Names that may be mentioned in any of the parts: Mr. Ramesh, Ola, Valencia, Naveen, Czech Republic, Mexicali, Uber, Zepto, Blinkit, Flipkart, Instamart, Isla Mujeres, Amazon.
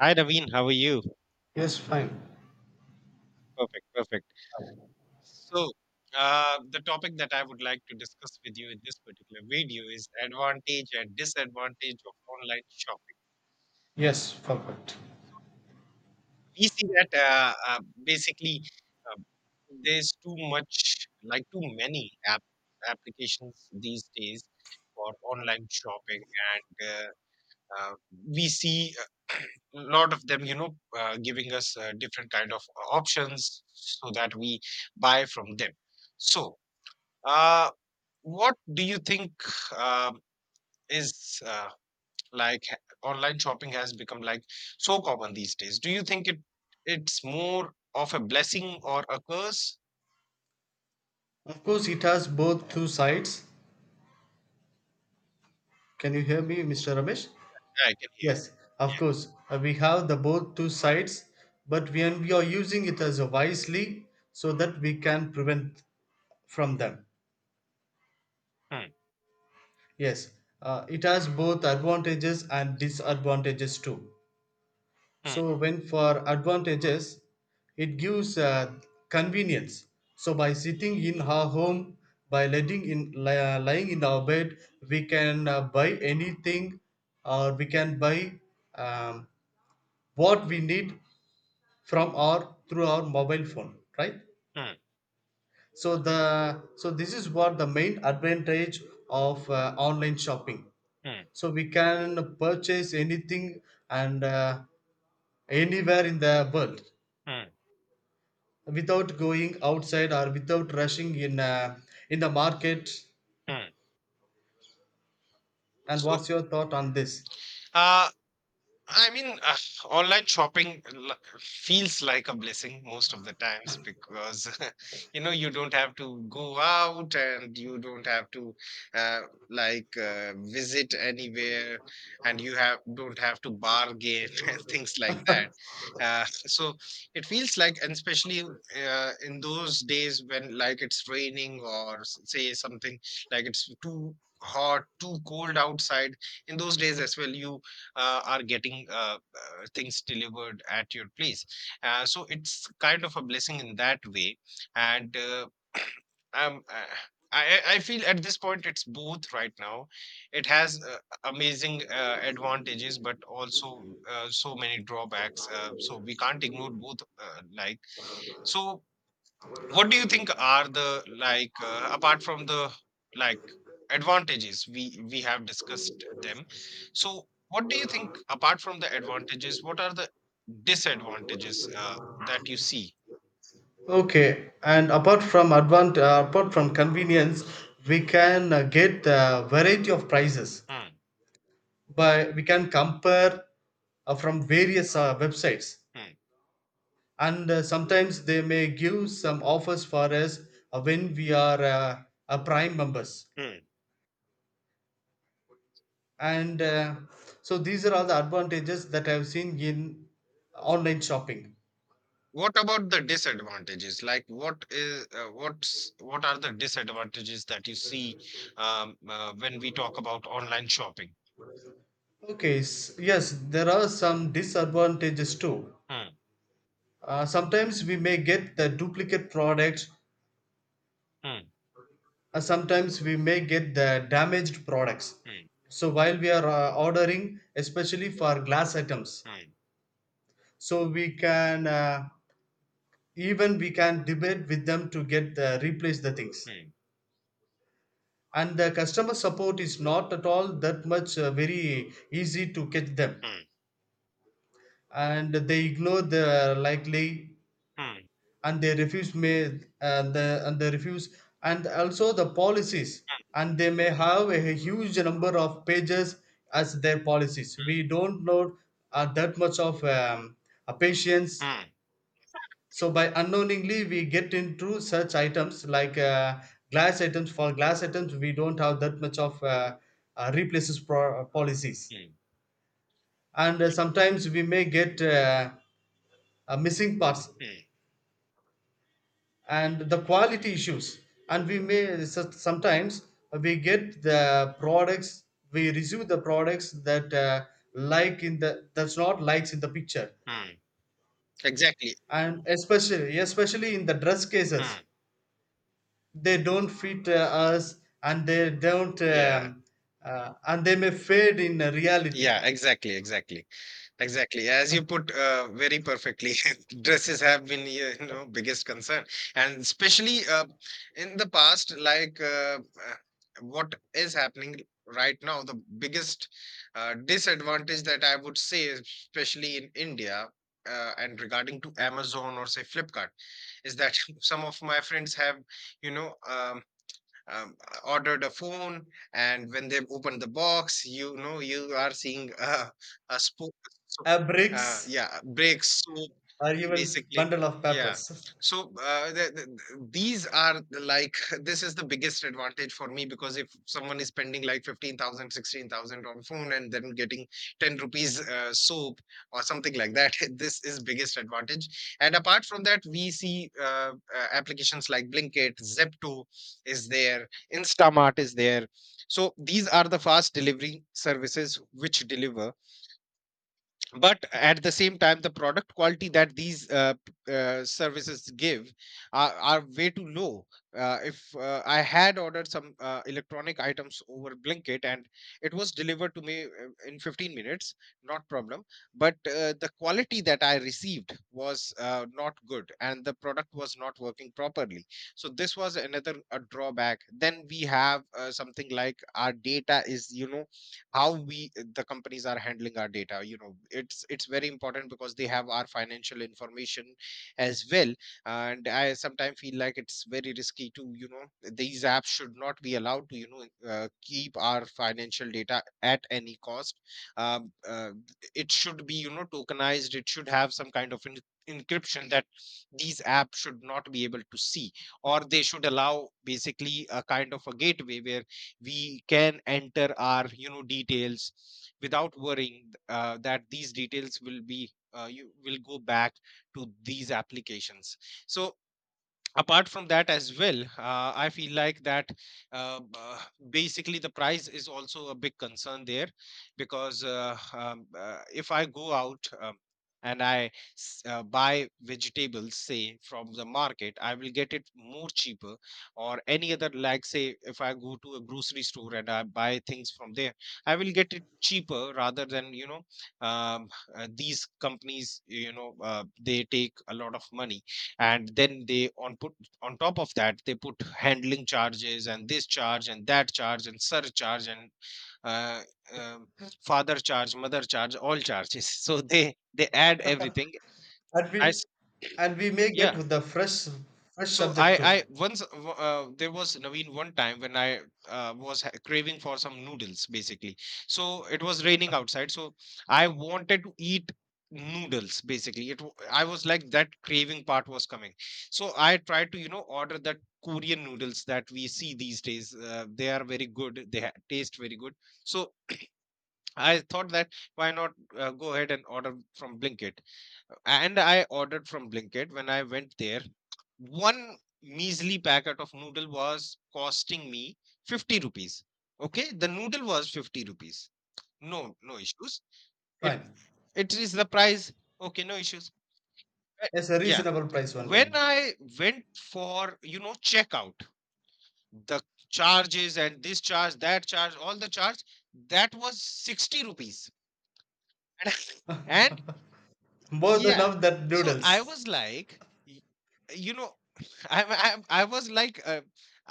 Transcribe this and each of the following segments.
Hi, Naveen. How are you? Yes, fine. Perfect, perfect. So, the topic that I would like to discuss with you in this particular video is advantage and disadvantage of online shopping. Yes, perfect. We see that basically uh, there's too much, like too many applications these days for online shopping, and uh, we see a lot of them, giving us different kind of options so that we buy from them. So, Uh, what do you think um, is like ha- online shopping has become like so common these days? Do you think it's more of a blessing or a curse? Of course, it has both two sides. Can you hear me, Mr. Ramesh? Yeah, I can hear Yes, you. of course. We have the both two sides, but when we are using it as a wisely, so that we can prevent from them. Yeah. Yes, it has both advantages and disadvantages too. Hmm, hmm, So when for advantages it gives convenience, so by sitting in our home, by lying in our bed, we can buy anything, or we can buy um, what we need from our through our mobile phone, right? hmm, So this is what the main advantage of online shopping. hmm, So we can purchase anything and anywhere in the world, hmm, without going outside or without rushing in the market. hmm. And So, what's your thought on this? uh, I mean, uh, Online shopping feels like a blessing most of the times because you know you don't have to go out and you don't have to uh, visit anywhere and you have don't have to bargain and things like that. So it feels like, and especially in those days when like it's raining or say something like it's too hot, too cold outside, in those days as well you are getting things delivered at your place. So it's kind of a blessing in that way. And um, uh, I feel at this point it's both right now. It has amazing advantages, but also so many drawbacks. So we can't ignore both. So. What do you think are the apart from the like advantages we have discussed them. So what do you think apart from the advantages, what are the disadvantages that you see? Okay, and apart from convenience, we can get a variety of prices. Hmm, By we can compare from various websites, hmm, and sometimes they may give some offers for us when we are prime members. hmm. And so these are all the advantages that I have seen in online shopping. What about the disadvantages? Like what is what are the disadvantages that you see when we talk about online shopping? Yes, there are some disadvantages too. Hmm, Sometimes we may get the duplicate products, hmm, sometimes we may get the damaged products. hmm, So while we are ordering, especially for glass items, hmm, so we can even we can debate with them to get replace the things. hmm, And the customer support is not at all that much very easy to catch them, hmm, and they ignore the likely, hmm, and they refuse may and they refuse. And also the policies, and they may have a huge number of pages as their policies. We don't know that much of a patience. hmm, So by unknowingly we get into such items, like glass items. For glass items we don't have that much of replaces policies. hmm, And sometimes we may get missing parts hmm, and the quality issues. And we may sometimes we get the products, we receive the products that like in the that's not likes in the picture. hmm. Exactly. And especially in the dress cases, Hmm. they don't fit us, and they don't Yeah. And they may fade in reality. Yeah, exactly, exactly, exactly. As you put very perfectly, dresses have been, you know, biggest concern, and especially in the past, uh, what is happening right now, the biggest disadvantage that I would say, especially in India, and regarding to Amazon or say Flipkart, is that some of my friends have, you know, um, um, ordered a phone, and when they open the box, you know, you are seeing a spoon. so, Bricks yeah, breaks. or even Basically, bundle of yeah. papers. So, uh, the, the, these are the, like this is the biggest advantage for me, because if someone is spending like 15,000, 16,000 on phone and then getting 10 rupees soap or something like that, this is biggest advantage. And apart from that, we see applications like Blinkit, Zepto is there, Instamart is there. So these are the fast delivery services which deliver, but at the same time the product quality that these services give are way too low. If I had ordered some electronic items over Blinkit and it was delivered to me in 15 minutes, not problem, but the quality that I received was not good and the product was not working properly. So this was another a drawback. Then we have something like our data is, you know, how we, the companies are handling our data, you know, it's very important because they have our financial information as well. And I sometimes feel like it's very risky to, you know, these apps should not be allowed to, you know, keep our financial data at any cost. um, uh, it should be, you know, tokenized. It should have some kind of encryption that these apps should not be able to see, or they should allow basically a kind of a gateway where we can enter our, you know, details without worrying that these details will be you will go back to these applications. So apart from that as well, I feel like that uh, b- uh, basically the price is also a big concern there, because if I go out, and I buy vegetables say from the market, I will get it more cheaper, or any other like say if I go to a grocery store and I buy things from there, I will get it cheaper rather than, you know, um, these companies, you know, they take a lot of money and then they on top of that they put handling charges and this charge and that charge and surcharge, and uh, um, father charge, mother charge, all charges. So they add everything and we as and we may get yeah. with the fresh So subject too. I once, there was Naveen, one time when I craving for some noodles basically. So it was raining outside, so I wanted to eat noodles basically. I was like that craving part was coming, so I tried to, you know, order that Korean noodles that we see these days. They are very good. They taste very good. So I thought that why not go ahead and order from Blinkit. And I ordered from Blinkit. When I went there, one measly packet of noodle was costing me 50 rupees. Okay, the noodle was 50 rupees. No, no issues. It Fine. it is the price. Okay, no issues. Uh, Yes, a Yeah. reasonable price only. When I went for, you know, checkout, the charges and this charge, that charge, all the charge, that was 60 rupees. And More than yeah. of that So I noodles. was like, you know, I was like,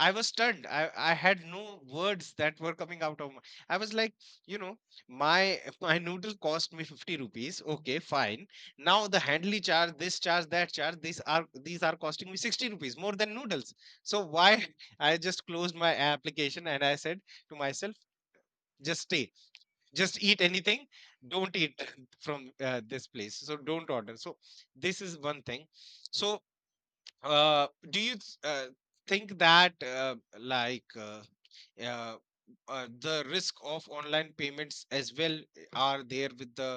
I was stunned. I had no words that were coming out of. My, I was like, you know, my my noodle cost me 50 rupees. Okay, fine. Now the handling charge, this charge, that charge, these are costing me 60 rupees more than noodles. So why? I just closed my application and I said to myself, just stay, just eat anything, don't eat from this place, so don't order. So this is one thing. So do you think that uh, the risk of online payments as well eh, are there with the,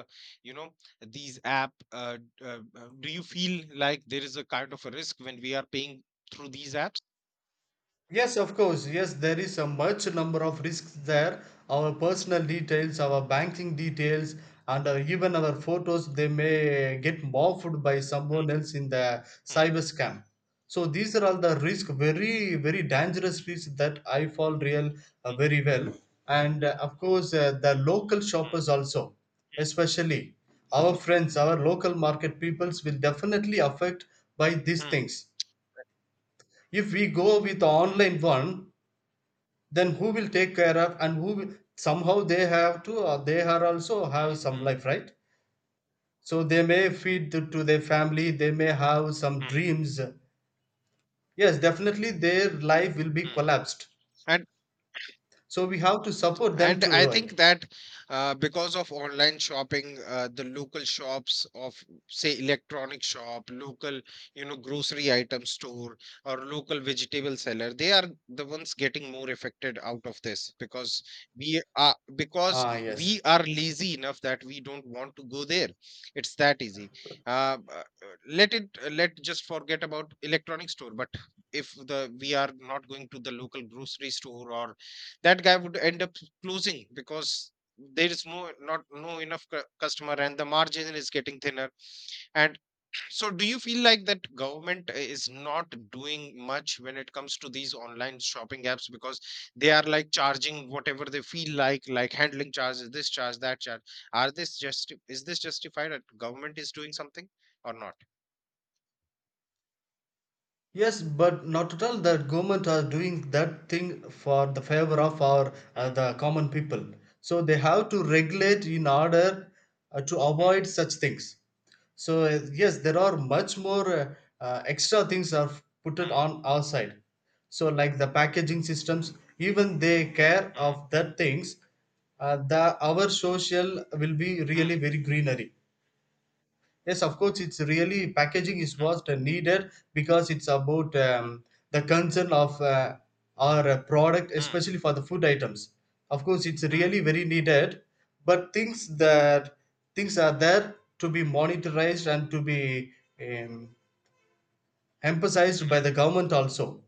you know, these do you feel like there is a kind of a risk when we are paying through these apps? Yes, of course. Yes, there is a much number of risks there. Our personal details, our banking details, and even our photos, they may get morphed by someone else in the Mm, cyber scam. So these are all the risk, very, very dangerous risks that I fall real very well. And of course, the local mm, shoppers also, especially our friends, our local market peoples will definitely affect by these mm, things. If we go with the online mm, one, then who will take care of, and who will, somehow they have to, or they are also mm, have mm, some mm, life, right? So they may feed to their family, they may have some mm, dreams. Yes, definitely their life will be mm. collapsed. and So we have to support them And to, I right? think that because of online shopping, the local shops of, say, electronic shop, local, you know, grocery item store, or local vegetable seller, they are the ones getting more affected out of this because Ah, yes. we are lazy enough that we don't want to go there. It's that easy. Uh, b- uh, Let it let just forget about electronic store, but if the we are not going to the local grocery store or that guy would end up closing because there is more not no enough customer and the margin is getting thinner. And so do you feel like that government is not doing much when it comes to these online shopping apps, because they are like charging whatever they feel like handling charges, this charge, that charge, are this just, is this justified, that government is doing something or not? Yes, but not at all that government are doing that thing for the favor of our Hmm, the common people. So they have to regulate in order to hmm, avoid such things. So yes, there are much more extra things are put it hmm, on our side. So like the packaging systems, even they care hmm, of that things. The our social will be really hmm, very greenery. Yes, of course, it's really packaging is what needed, because it's about the concern of our product, hmm, especially for the food items. Of course, it's hmm, really very needed, but things that things are there to be monitorized and to be um, emphasized by hmm, the government also,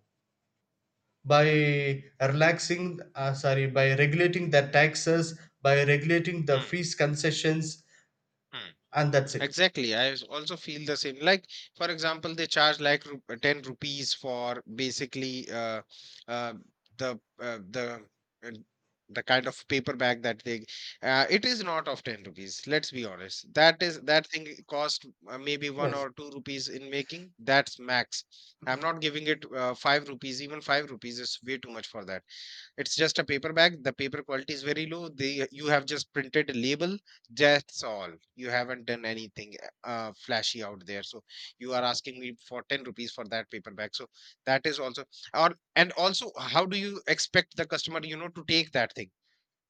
by relaxing, sorry, by regulating the taxes, by regulating the hmm, fees concessions, hmm. and that's it. Exactly. I also feel the same. Like, for example, they charge like 10 rupees for basically uh, the uh, the uh, the kind of paper bag that they it is not of 10 rupees, let's be honest. That is that thing cost maybe 1 Yes. or 2 rupees in making, that's max. I'm not giving it 5 rupees, even 5 rupees is way too much for that. It's just a paper bag. The paper quality is very low. They you have just printed a label. That's all. You haven't done anything flashy out there. So you are asking me for 10 rupees for that paper bag. So that is also, or and also, how do you expect the customer, you know, to take that thing?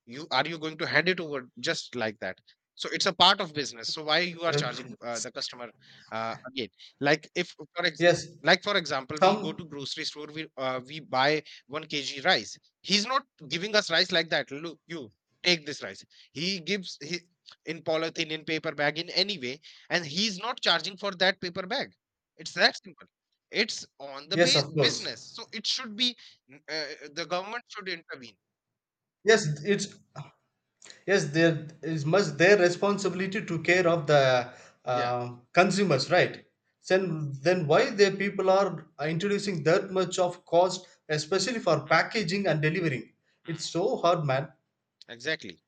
You are you going to hand it over just like that? So it's a part of business, so why you are charging the customer again, like if for ex- Yes, like for example we go to some, grocery store, we buy 1 kg rice, he's not giving us rice like that, look you take this rice. He gives he, in polythene, in paper bag, in any way, and he's not charging for that paper bag. It's that simple. It's on the yes, of course. business, so it should be n- uh, the government should intervene. Yes, it's, yes, there is must their responsibility to care of the Yeah. Consumers, right? Then why the people are introducing that much of cost, especially for Hmm, packaging and delivering? It's hmm. so hard, man. Exactly,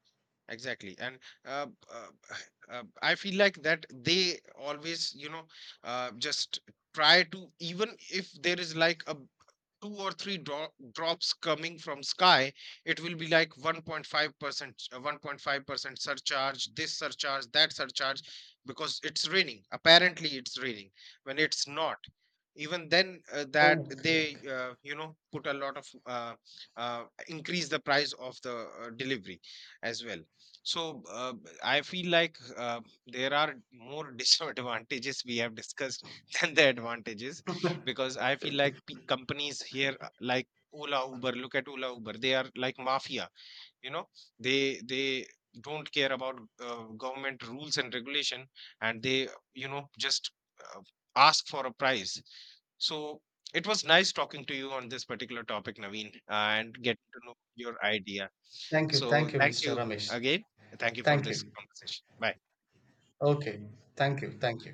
exactly. And uh, uh, I feel like that they always, you know, just try to, even if there is like a two or three drops coming from sky, it will be like 1.5%, 1.5% surcharge, this surcharge, that surcharge, because it's raining, apparently it's raining when it's not. Even then that Okay, they okay. You know put a lot of increase the price of the delivery as well. So I feel like there are more disadvantages we have discussed than the advantages, because I feel like companies here like Ola Uber, look at Ola Uber, they are like mafia, you know. They don't care about government rules and regulation, and they, you know, just uh, ask for a price. So it was nice talking to you on this particular topic, Naveen, and getting to know your idea. Thank you, So thank you, thank Mr. you Ramesh. again, thank you for Thank you. this conversation, bye. Okay. Thank you, thank you.